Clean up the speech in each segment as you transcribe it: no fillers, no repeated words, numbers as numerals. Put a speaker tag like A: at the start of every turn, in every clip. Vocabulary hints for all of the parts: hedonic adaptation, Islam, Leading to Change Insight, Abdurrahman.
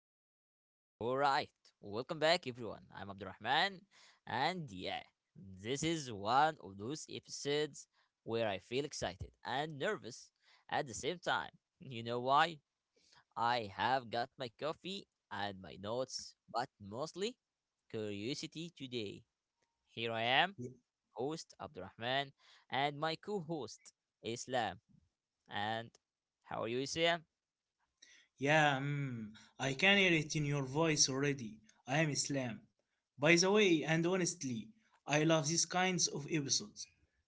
A: hey. All right. Welcome back, everyone. I'm Abdurrahman. And yeah, this is one of those episodes where I feel excited and nervous at the same time. You know why? I have got my coffee and my notes, but mostly curiosity today. Here I am,
B: Y-
A: host Abdurrahman, and my co host, Islam. And how are you, Islam?
B: Yeah, mm, I can hear it in your voice already. I am Islam. By the way, and honestly, I love these kinds of episodes.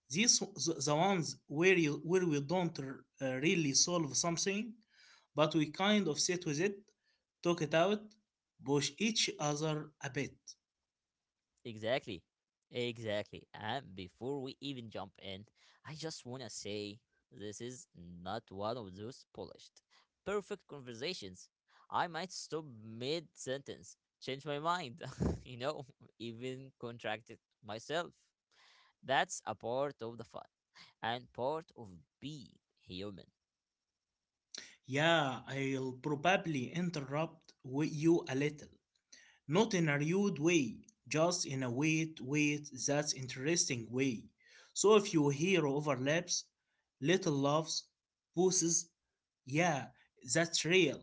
B: The ones where we don't really solve something, but we kind of sit with it, talk it out, push each other a bit.
A: Exactly. Exactly. And before we even jump in, I just want to say this is not one of those polished, perfect conversations. I might stop mid sentence, change my mind, you know, even contract it myself. That's a part of the fun and part of being human.
B: Yeah, I'll probably interrupt you a little. Not in a rude way, just in a wait, wait, that's interesting way. So if you hear overlaps, little loves, pauses, yeah, that's real.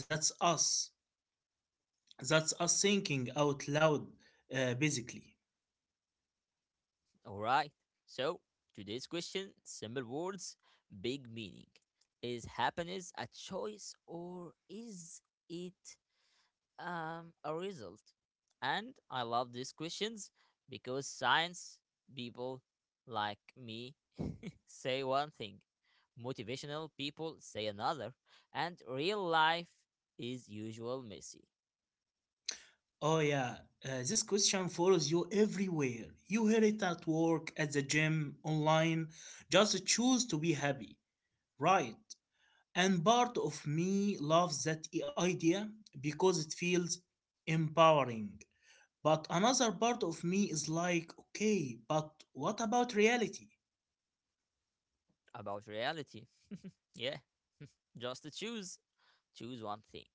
B: That's us. That's us thinking out loud, basically.
A: All right. So, today's question simple words, big meaning. Is happiness a choice or is it a result? And I love these questions because science people like me say one thing, motivational people say another, and real life is usual messy
B: Oh, yeah. This question follows you everywhere. You hear it at work, at the gym, online. Just choose to be happy, right? And part of me loves that idea because it feels empowering. But another part of me is like, okay, but what about reality?
A: about reality. Yeah, just to choose. Choose one thing.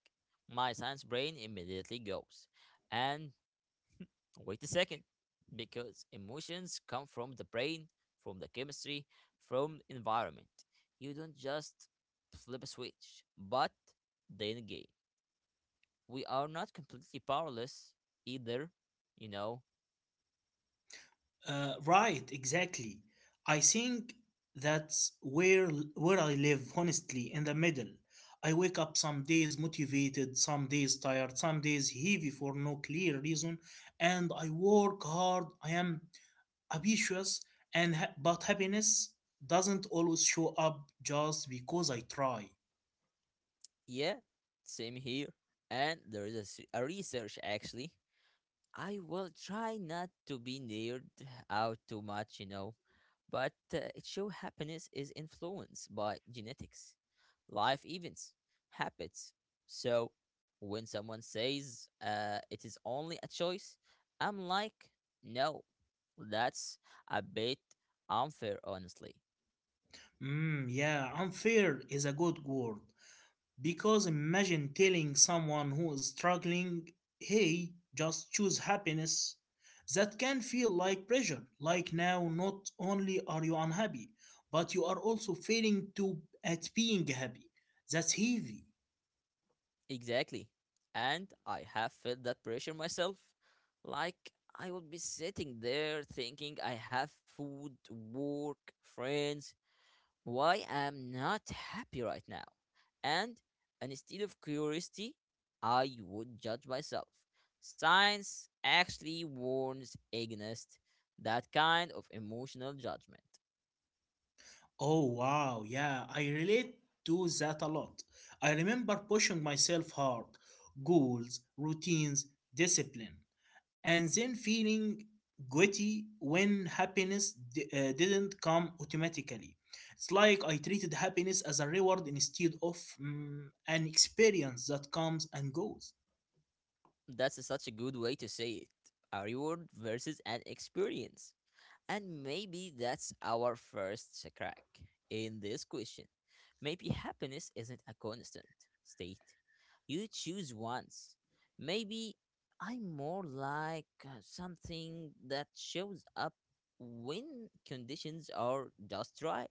A: My science brain immediately goes, and wait a second, because emotions come from the brain, from the chemistry, from environment. You don't just flip a switch. But then again, we are not completely powerless either, you know?
B: Right, exactly. I think that's where I live, honestly, in the middle. I wake up some days motivated, some days tired, some days heavy for no clear reason, and I work hard. I am ambitious but happiness doesn't always show up just because I try.
A: Yeah, same here. And there is a, a research actually I will try not to be neared out too much, you know, but it show happiness is influenced by genetics, life events, habits. So when someone says it is only a choice, I'm like, no, that's a bit unfair, honestly.
B: Mm, yeah, unfair is a good word because imagine telling someone who is struggling, "Hey, just choose happiness." That can feel like pressure. Like now, not only are you unhappy, but you are also failing to at being happy. That's heavy.
A: Exactly. And I have felt that pressure myself. Like I would be sitting there thinking I have food, work, friends. Why am not happy right now? And instead of curiosity, I would judge myself. Science actually warns against that kind of emotional judgment.
B: Oh wow, yeah, I relate to that a lot. I remember pushing myself hard, goals, routines, discipline, and then feeling guilty when happiness didn't come automatically. It's like I treated happiness as a reward instead of an experience that comes and goes.
A: That's such a good way to say it. A reward versus an experience. And maybe that's our first crack in this question. Maybe happiness isn't a constant state. You choose once. Maybe I'm more like something that shows up when conditions are just right.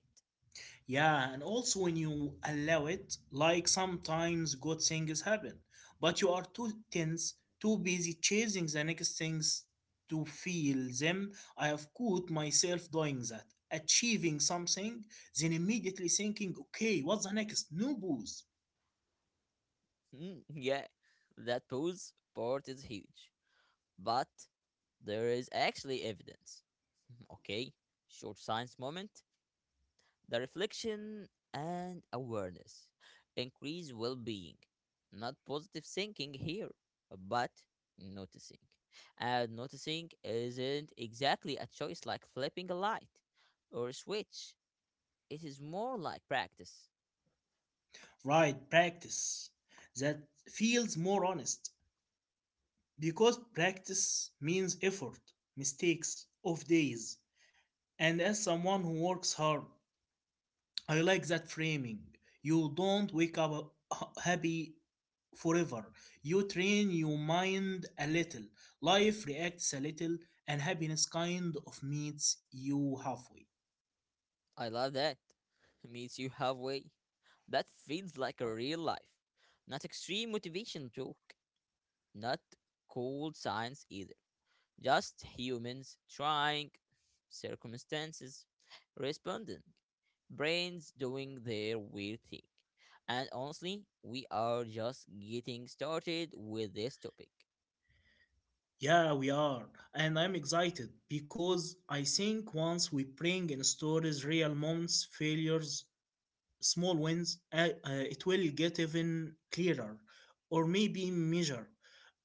B: Yeah, and also when you allow it, like sometimes good things happen, but you are too tense, too busy chasing the next things to feel them. I have caught myself doing that, achieving something, then immediately thinking, okay, what's the next? New booze.
A: Mm, yeah, that pose part is huge. But there is actually evidence. Okay, short science moment. The reflection and awareness increase well being. Not positive thinking here, but noticing. And noticing isn't exactly a choice like flipping a light or a switch, it is more like practice.
B: Right, practice. That feels more honest because practice means effort, mistakes, off days, and as someone who works hard, I like that framing. You don't wake up happy forever. You train your mind a little. Life reacts a little, and happiness kind of meets you halfway.
A: I love that. Meets you halfway. That feels like a real life. Not extreme motivation joke, not cold science either. Just humans trying, circumstances responding, brains doing their weird thing. And honestly, we are just getting started with this topic.
B: Yeah, we are. And I'm excited because I think once we bring in stories real moments, failures, small wins, it will get even clearer or maybe measure.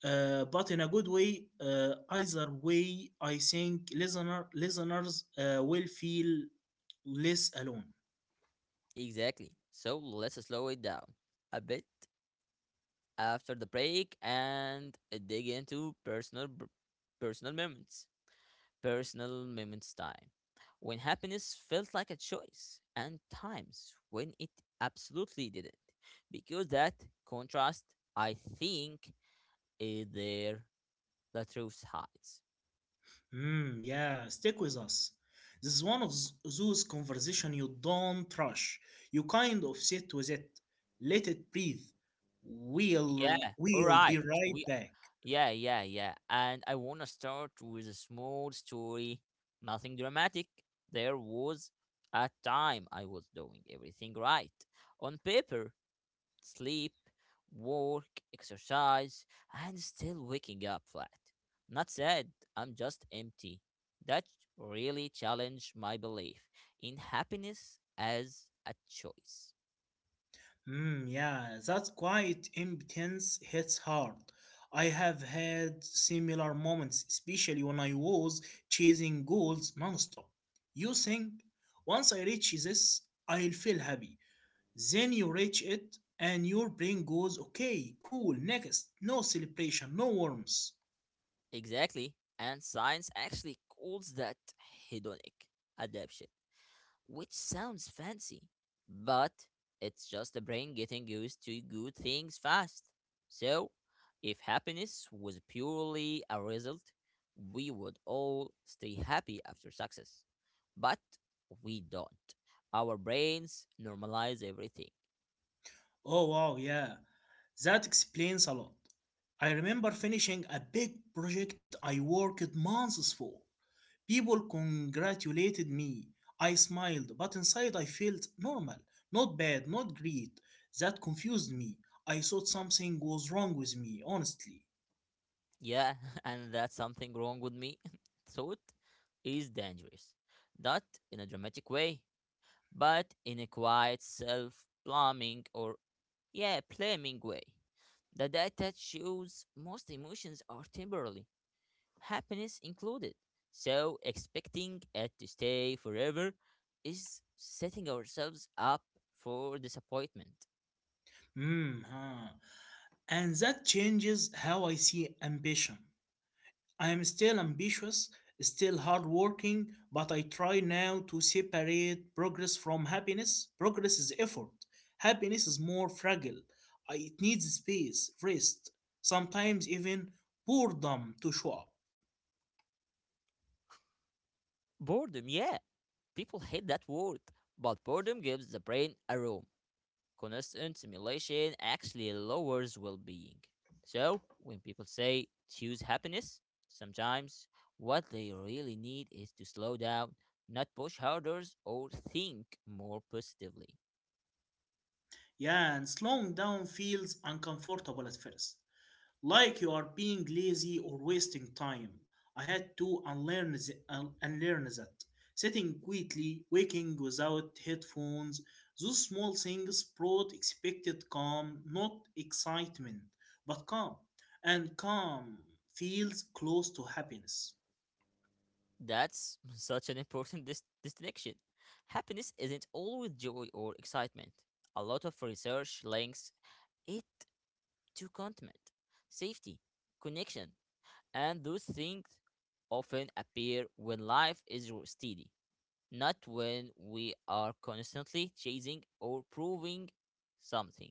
B: But in a good way, either way, I think listeners will feel less alone.
A: Exactly. So let's slow it down a bit after the break and dig into personal moments. Personal moments time when happiness felt like a choice and times when it absolutely didn't, because that contrast I think is there the truth hides.
B: Hmm, yeah, stick with us. This is one of those conversation you don't rush. You kind of sit with it, let it breathe. We'll
A: Yeah, all
B: we'll be
A: right,
B: right
A: we
B: back.
A: yeah, and I want to start with a small story, nothing dramatic. There was a time I was doing everything right on paper, sleep, work, exercise, and still waking up flat. Not sad, I'm just empty. That really challenged my belief in happiness as a choice.
B: Mm, yeah, that quiet impotence hits hard. I have had similar moments, especially when I was chasing goals nonstop. You think, once I reach this, I'll feel happy. Then you reach it, and your brain goes, okay, cool, next. No celebration, no warmth.
A: Exactly, and science actually calls that hedonic adaptation, which sounds fancy, but it's just the brain getting used to good things fast. So, if happiness was purely a result, we would all stay happy after success. But we don't. Our brains normalize everything.
B: Oh, wow, yeah. That explains a lot. I remember finishing a big project I worked months for. People congratulated me. I smiled, but inside I felt normal, not bad, not great. That confused me. I thought something was wrong with me, honestly.
A: Yeah, and that's something wrong with me. Thought is dangerous. Not in a dramatic way, but in a quiet self plumbing or, yeah, blaming way. The data shows most emotions are temporary, happiness included. So, expecting it to stay forever is setting ourselves up for disappointment.
B: Hmm, huh. And that changes how I see ambition. I am still ambitious, still hardworking, but I try now to separate progress from happiness. Progress is effort, happiness is more fragile. It needs space, rest, sometimes even boredom to show up.
A: Boredom, yeah. People hate that word, but boredom gives the brain a room. Constant stimulation actually lowers well being. So, when people say choose happiness, sometimes what they really need is to slow down, not push harder, or think more positively.
B: Yeah, and slowing down feels uncomfortable at first, like you are being lazy or wasting time. I had to unlearn that. Sitting quietly, waking without headphones, those small things brought expected calm, not excitement, but calm. And calm feels close to happiness.
A: That's such an important distinction. Happiness isn't always joy or excitement. A lot of research links it to contentment, safety, connection, and those things often appear when life is steady, not when we are constantly chasing or proving something.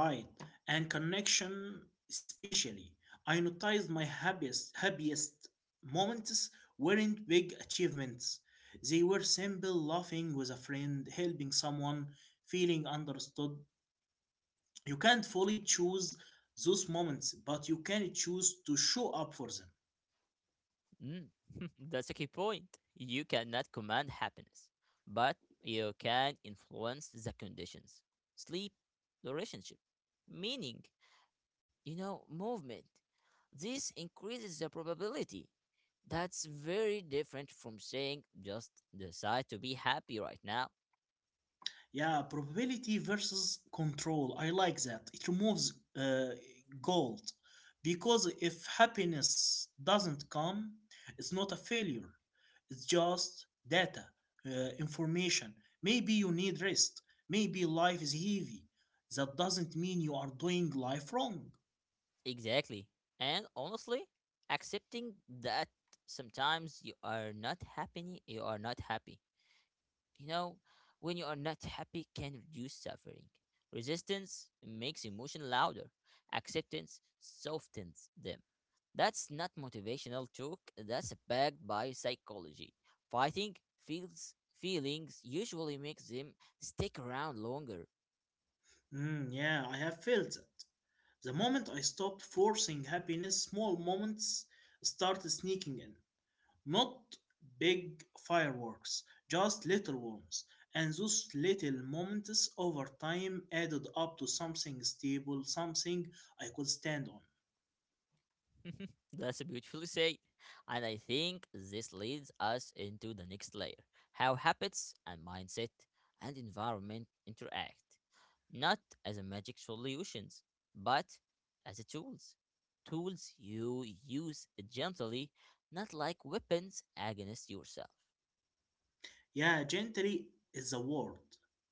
B: Right. And connection, especially. I noticed my happiest moments weren't big achievements. They were simple laughing with a friend, helping someone, feeling understood. You can't fully choose those moments, but you can choose to show up for them.
A: Mm. That's a key point. You cannot command happiness, but you can influence the conditions. Sleep, the relationship, meaning, you know, movement. This increases the probability. That's very different from saying just decide to be happy right now.
B: Yeah, probability versus control. I like that. It removes uh, guilt because if happiness doesn't come, it's not a failure. It's just data, information. Maybe you need rest. Maybe life is heavy. That doesn't mean you are doing life wrong.
A: Exactly. And honestly, accepting that sometimes you are not happy, you are not happy. You know, when you are not happy can reduce suffering. Resistance makes emotion louder. Acceptance softens them. That's not motivational talk, that's backed by psychology. Fighting feels feelings usually makes them stick around longer.
B: Mm, yeah, I have felt that. The moment I stopped forcing happiness, small moments started sneaking in. Not big fireworks, just little ones. And those little moments over time added up to something stable, something I could stand on.
A: Mhm. That's beautifully said. And I think this leads us into the next layer, how habits and mindset and environment interact, not as a magic solutions, but as a tools. Tools you use gently, not like weapons against yourself.
B: Yeah, gently is the word.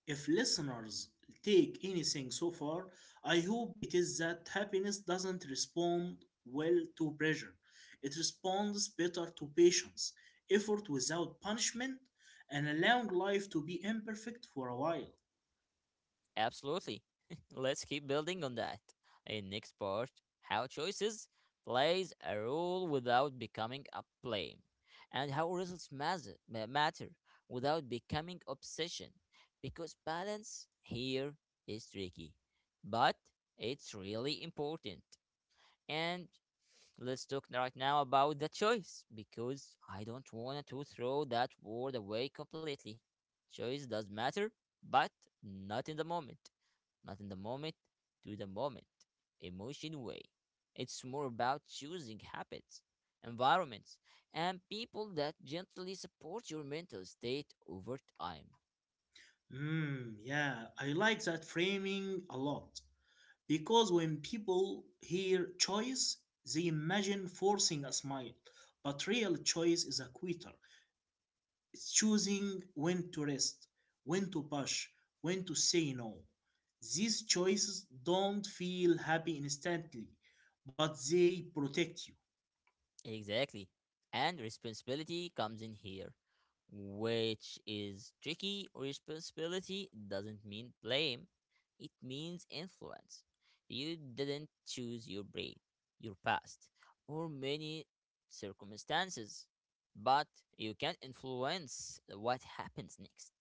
B: If listeners take anything so far, I hope it is that happiness doesn't respond well to pressure. It responds better to patience, effort without punishment, and allowing life to be imperfect for a while.
A: Absolutely. Let's keep building on that. In next part, how choices plays a role without becoming a blame, and how results matter without becoming obsession. Because balance here is tricky, but it's really important. And let's talk right now about the choice because I don't want to throw that word away completely. Choice does matter, but not in the moment, not in the moment, to the moment, emotion way. It's more about choosing habits, environments, and people that gently support your mental state over time.
B: Mm, yeah, I like that framing a lot because when people hear choice, they imagine forcing a smile. But real choice is a quitter. It's choosing when to rest, when to push, when to say no. These choices don't feel happy instantly, but they protect you.
A: Exactly. And responsibility comes in here, which is tricky. Responsibility doesn't mean blame, it means influence. You didn't choose your brain, your past, or many circumstances, but you can influence what happens next,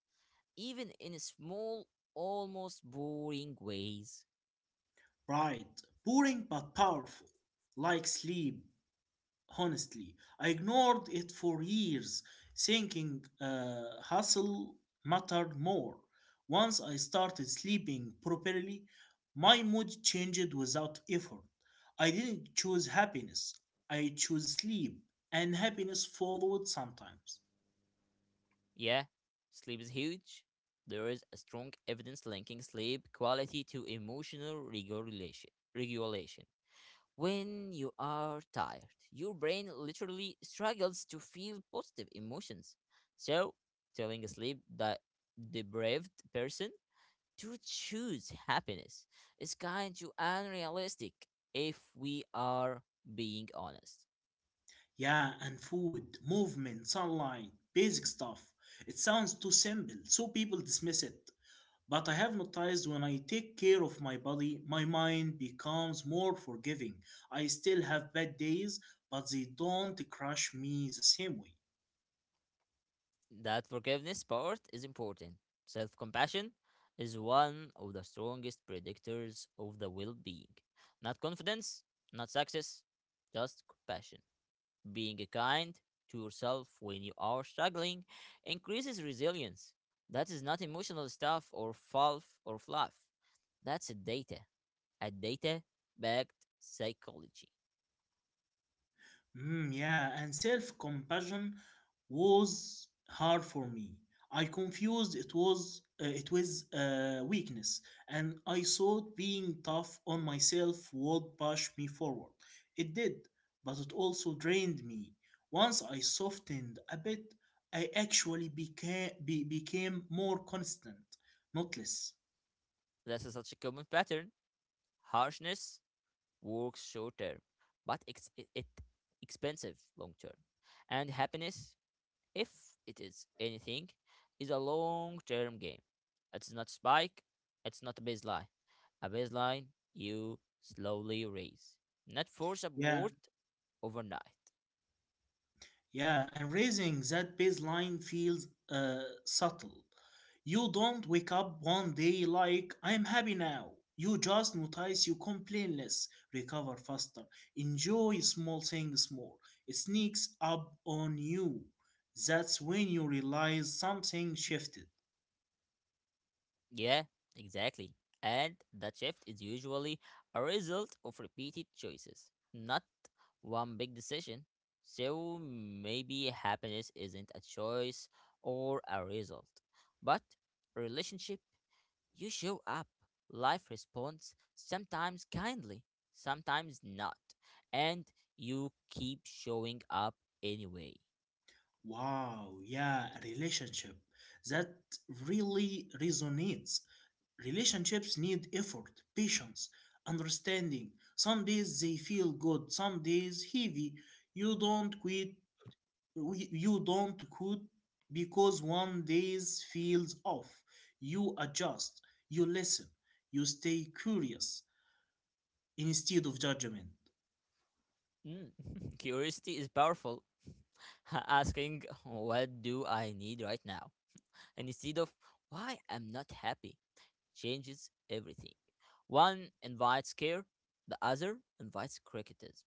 A: even in small, almost boring ways.
B: Pride, boring but powerful, like sleep, honestly. I ignored it for years, thinking hustle mattered more. Once I started sleeping properly, my mood changed without effort. I didn't choose happiness, I chose sleep, and happiness followed sometimes.
A: Yeah, sleep is huge. There is a strong evidence linking sleep quality to emotional regulation. When you are tired, your brain literally struggles to feel positive emotions. So, telling a sleep that deprived person to choose happiness is kind of unrealistic if we are being honest.
B: Yeah, and food, movement, sunlight, basic stuff. It sounds too simple, so people dismiss it. But I have noticed when I take care of my body, my mind becomes more forgiving. I still have bad days, but they don't crush me the same way.
A: That forgiveness part is important. Self compassion is one of the strongest predictors of the well being. Not confidence, not success, just compassion. Being kind to yourself when you are struggling increases resilience. That is not emotional stuff or fluff. That's data. A data backed psychology.
B: Mm, yeah, and self compassion was hard for me. I confused it was weakness, and I thought being tough on myself would push me forward. It did, but it also drained me. Once I softened a bit, I actually became more constant, not less.
A: That's such a common pattern. Harshness works short term, but it expensive long term. And happiness, if it is anything, is a long term game. It's not spike, it's not a baseline. A baseline you slowly raise, not force
B: Yeah,
A: upward overnight.
B: Yeah, and raising that baseline feels subtle. You don't wake up one day like, I'm happy now. You just notice you complain less, recover faster, enjoy small things more. It sneaks up on you. That's when you realize something shifted.
A: Yeah, exactly. And that shift is usually a result of repeated choices, not one big decision. So maybe happiness isn't a choice or a result, but a relationship. You show up, life responds, sometimes kindly, sometimes not, and you keep showing up anyway.
B: Wow, yeah, a relationship. That really resonates. Relationships need effort, patience, understanding. Some days they feel good, some days heavy. You don't quit you don't quit because one days feels off. You adjust, you listen, you stay curious instead of judgment.
A: Mm. Curiosity is powerful. Asking, what do I need right now? And instead of, why I'm not happy, changes everything. One invites care, the other invites criticism.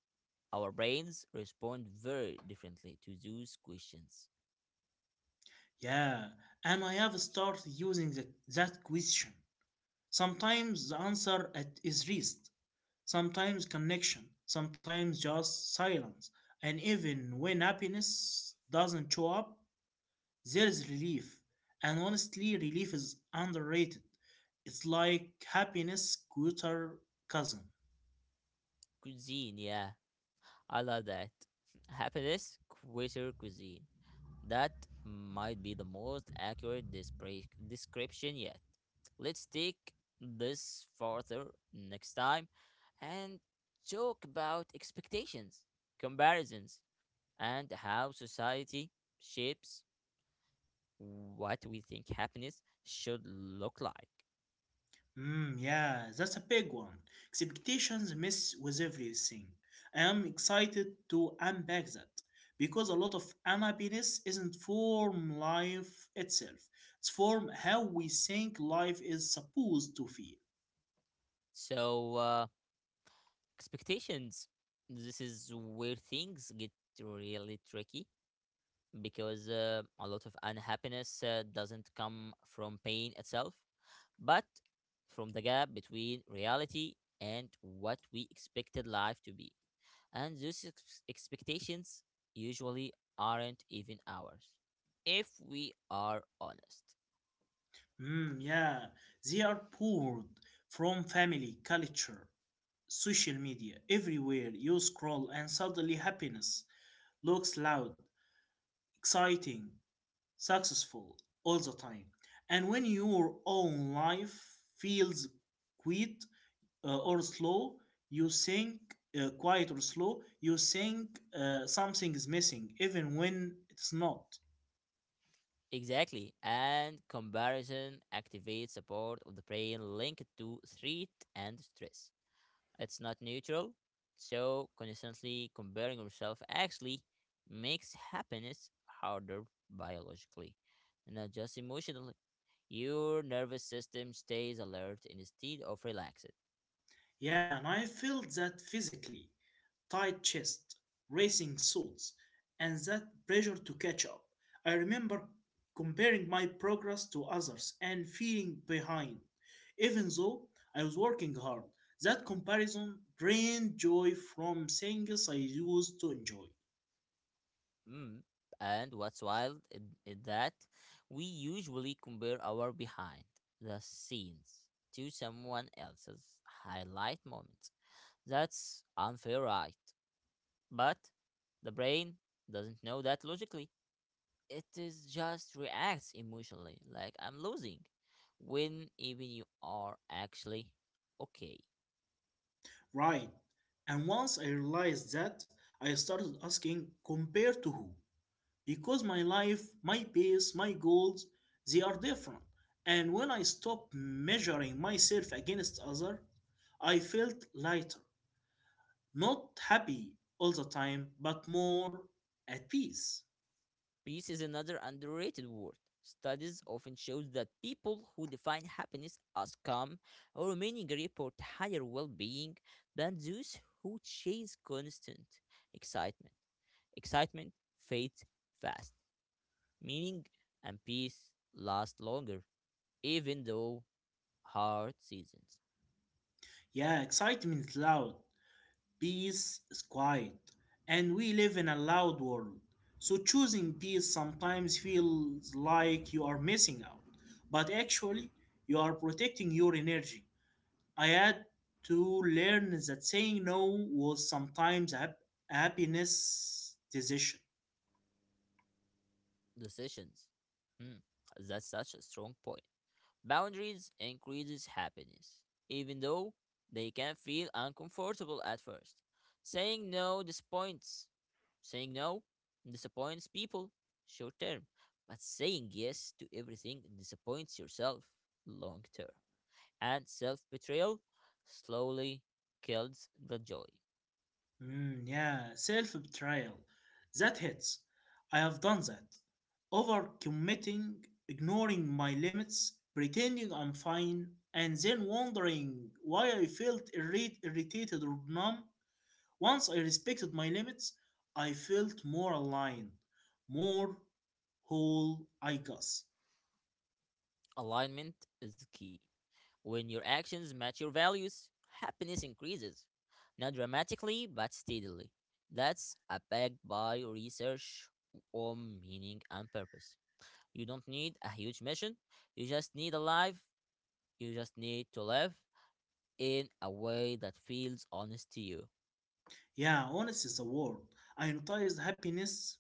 A: Our brains respond very differently to those questions.
B: Yeah, and I have started using that question. Sometimes the answer is rest, sometimes connection, sometimes just silence. And even when happiness doesn't show up, there is relief. And honestly, relief is underrated. It's like happiness' cuter cousin.
A: Cuisine, yeah, I love that. Happiness, quitter cuisine. That might be the most accurate description yet. Let's take this further next time and talk about expectations, comparisons, and how society shapes what we think happiness should look like.
B: Mm, yeah, that's a big one. Expectations mess with everything. I am excited to unpack that because a lot of unhappiness isn't from life itself, it's from how we think life is supposed to feel.
A: So, expectations, this is where things get really tricky because a lot of unhappiness doesn't come from pain itself, but from the gap between reality and what we expected life to be. And those expectations usually aren't even ours, if we are honest.
B: Mm, yeah, they are poured from family, culture, social media, everywhere you scroll, and suddenly happiness looks loud, exciting, successful all the time. And when your own life feels quiet or slow, you think quiet or slow, you think something is missing, even when it's not.
A: Exactly, and comparison activates a part of the brain linked to threat and stress. It's not neutral. So constantly comparing yourself actually makes happiness harder biologically, not just emotionally. Your nervous system stays alert instead of relaxed.
B: Yeah, and I felt that physically: tight chest, racing thoughts, and that pressure to catch up. I remember comparing my progress to others and feeling behind, even though I was working hard. That comparison drained joy from things I used to enjoy.
A: Mm. And what's wild is that we usually compare our behind the scenes to someone else's highlight moments. That's unfair, right? But the brain doesn't know that logically. It is just reacts emotionally like I'm losing when even you are actually okay.
B: Right. And once I realized that, I started asking, compared to who? Because my life, my pace, my goals, they are different. And when I stopped measuring myself against others, I felt lighter, not happy all the time, but more at peace.
A: Peace is another underrated word. Studies often shows that people who define happiness as calm or meaning report higher well-being than those who chase constant excitement excitement fades fast, meaning and peace last longer, even though hard seasons
B: Yeah, excitement is loud, peace is quiet, and we live in a loud world. So choosing peace sometimes feels like you are missing out, but actually you are protecting your energy. I had to learn that saying no was sometimes a happiness decision.
A: decisions. Hmm, that's such a strong point. Boundaries increases happiness, even though they can feel uncomfortable at first. Saying no disappoints. Saying no disappoints people short term, but saying yes to everything disappoints yourself long term. And self betrayal slowly kills the joy.
B: Mm, yeah, self betrayal. That hits. I have done that. Overcommitting, ignoring my limits, pretending I'm fine, and then wondering why I felt irritated or numb. Once I respected my limits, I felt more aligned, more whole, I guess.
A: Alignment is key. When your actions match your values, happiness increases. Not dramatically, but steadily. That's backed by research on meaning and purpose. You don't need a huge mission, you just need a life, you just need to live in a way that feels honest to you.
B: Yeah, honest is the word. I noticed happiness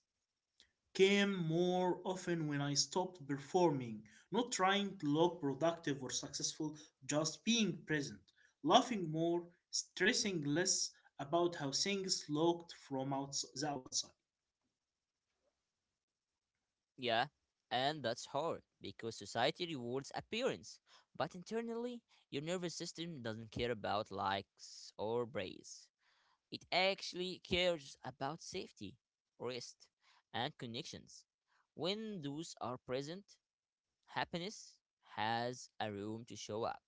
B: came more often when I stopped performing, not trying to look productive or successful, just being present, laughing more, stressing less about how things looked from the outside.
A: Yeah, and that's hard because society rewards appearance, but internally, your nervous system doesn't care about likes or praise. It actually cares about safety, rest, and connections. When those are present, happiness has a room to show up.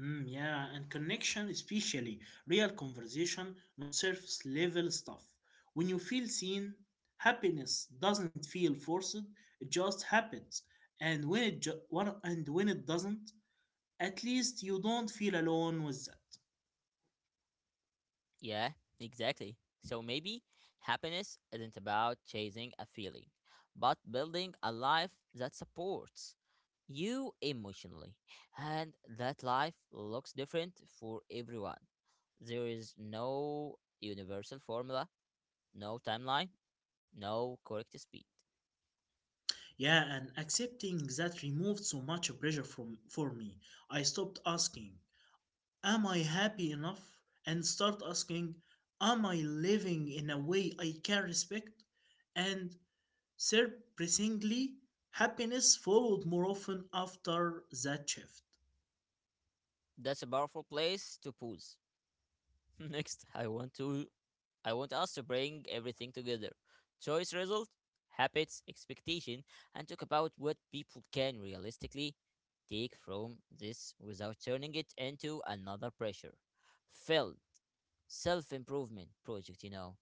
B: Mm, yeah, and connection, especially real conversation, not surface level stuff. When you feel seen, happiness doesn't feel forced; it just happens. And when it doesn't, at least you don't feel alone with that.
A: Yeah, exactly. So maybe happiness isn't about chasing a feeling, but building a life that supports you emotionally. And that life looks different for everyone. There is no universal formula, no timeline, no correct speed.
B: Yeah, and accepting that removed so much pressure from for me. I stopped asking, "Am I happy enough?" and start asking, "Am I living in a way I can respect?" And surprisingly, happiness followed more often after that shift.
A: That's a powerful place to pause. Next, I want us to bring everything together. Choice result, habits, expectation, and talk about what people can realistically take from this without turning it into another pressure. Failed self improvement project, you know.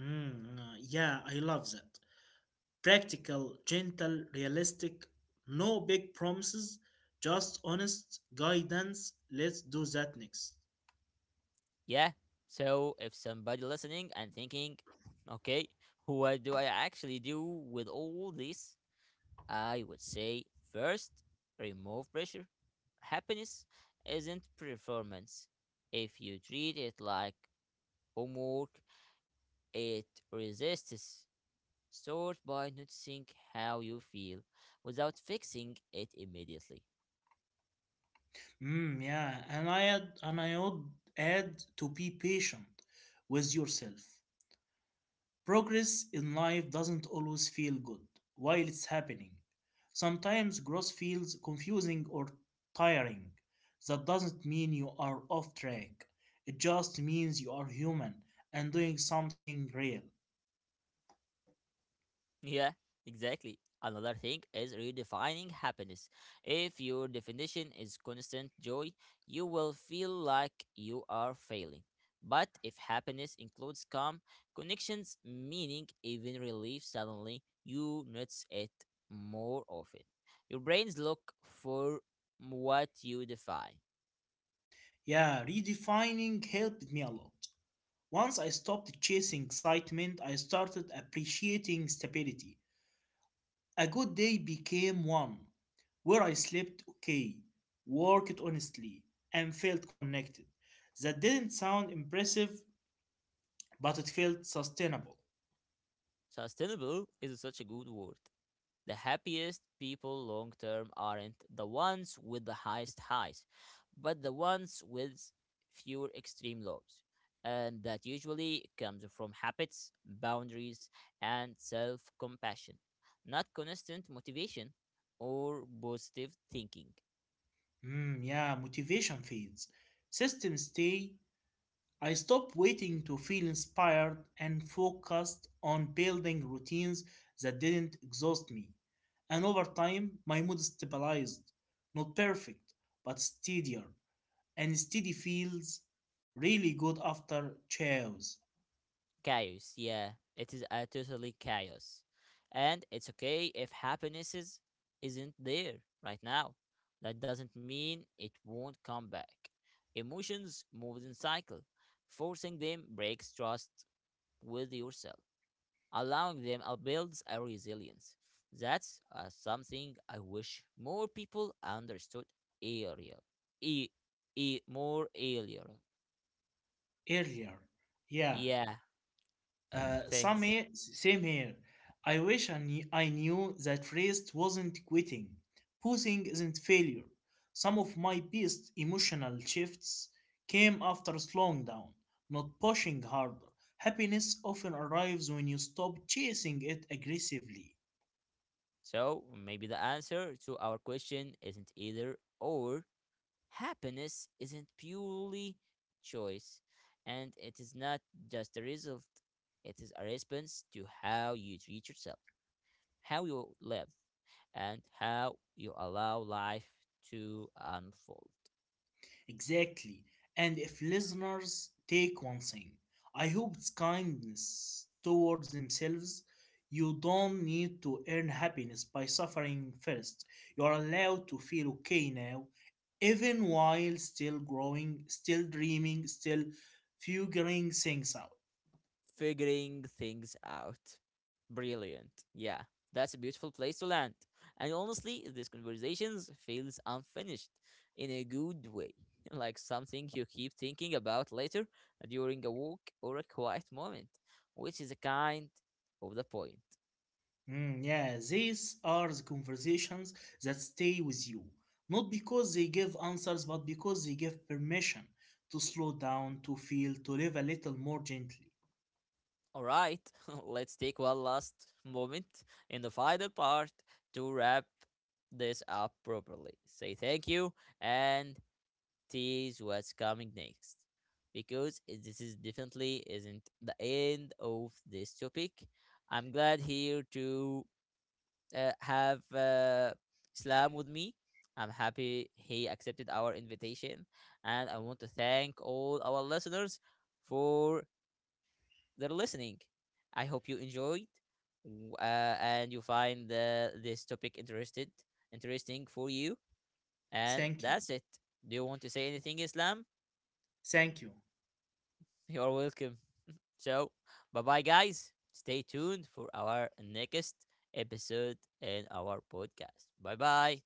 B: Yeah, I love that. Practical, gentle, realistic, no big promises, just honest guidance. Let's do that next.
A: Yeah. So if somebody listening and thinking, okay, what do I actually do with all this? I would say first, remove pressure. Happiness isn't performance. If you treat it like homework, it resists. Start by noticing how you feel without fixing it immediately.
B: Mm, yeah, and I would add to be patient with yourself. Progress in life doesn't always feel good while it's happening. Sometimes growth feels confusing or tiring. That doesn't mean you are off track. It just means you are human and doing something real.
A: Yeah, exactly. Another thing is redefining happiness. If your definition is constant joy, you will feel like you are failing. But if happiness includes calm, connections, meaning, even relief, suddenly you notice it more often. Your brains look for what you define.
B: Yeah, redefining helped me a lot. Once I stopped chasing excitement, I started appreciating stability. A good day became one where I slept okay, worked honestly, and felt connected. That didn't sound impressive, but it felt sustainable.
A: Sustainable is such a good word. The happiest people long term aren't the ones with the highest highs, but the ones with fewer extreme lows. And that usually comes from habits, boundaries, and self compassion, not constant motivation or positive thinking.
B: Hmm, yeah, motivation fades. Systems stay. I stopped waiting to feel inspired and focused on building routines that didn't exhaust me. And over time, my mood stabilized. Not perfect, but steadier. And steady feels really good after chows
A: Chaos, yeah. It is a totally chaos. And it's okay if isn't there right now. That doesn't mean it won't come back. Emotions move in cycle. Forcing them breaks trust with yourself. Allowing them builds a resilience. That's something I wish more people understood earlier. E, More earlier.
B: earlier. Yeah,
A: Yeah,
B: some
A: thanks.
B: here. Same here. I wish I knew that rest wasn't quitting. Posing isn't failure. Some of my best emotional shifts came after slowing down, not pushing harder. Happiness often arrives when you stop chasing it aggressively.
A: So maybe the answer to our question isn't either or. Happiness isn't purely choice, and it is not just a result, it is a response to how you treat yourself, how you live, and how you allow life to unfold.
B: Exactly. And if listeners take one thing, I hope it's kindness towards themselves. You don't need to earn happiness by suffering first. You are allowed to feel okay now, even while still growing, still dreaming, still figuring things out.
A: Figuring things out. Brilliant. Yeah, that's a beautiful place to land. And honestly, this conversations feels unfinished in a good way, like something you keep thinking about later during a walk or a quiet moment, which is a kind of the point.
B: Mm, yeah, these are the conversations that stay with you, not because they give answers, but because they give permission to slow down, to feel, to live a little more gently.
A: All right, let's take one last moment in the final part to wrap this up properly. Say thank you and tease what's coming next because this is definitely isn't the end of this topic. I'm glad here to have Islam with me. I'm happy he accepted our invitation, and I want to thank all our listeners for their listening. I hope you enjoyed and you find this topic interested interesting for you. And
B: Thank you.
A: that's it. Do you want to say anything, Islam?
B: Thank you.
A: You're welcome. So, bye bye, guys. Stay tuned for our next episode in our podcast. Bye bye.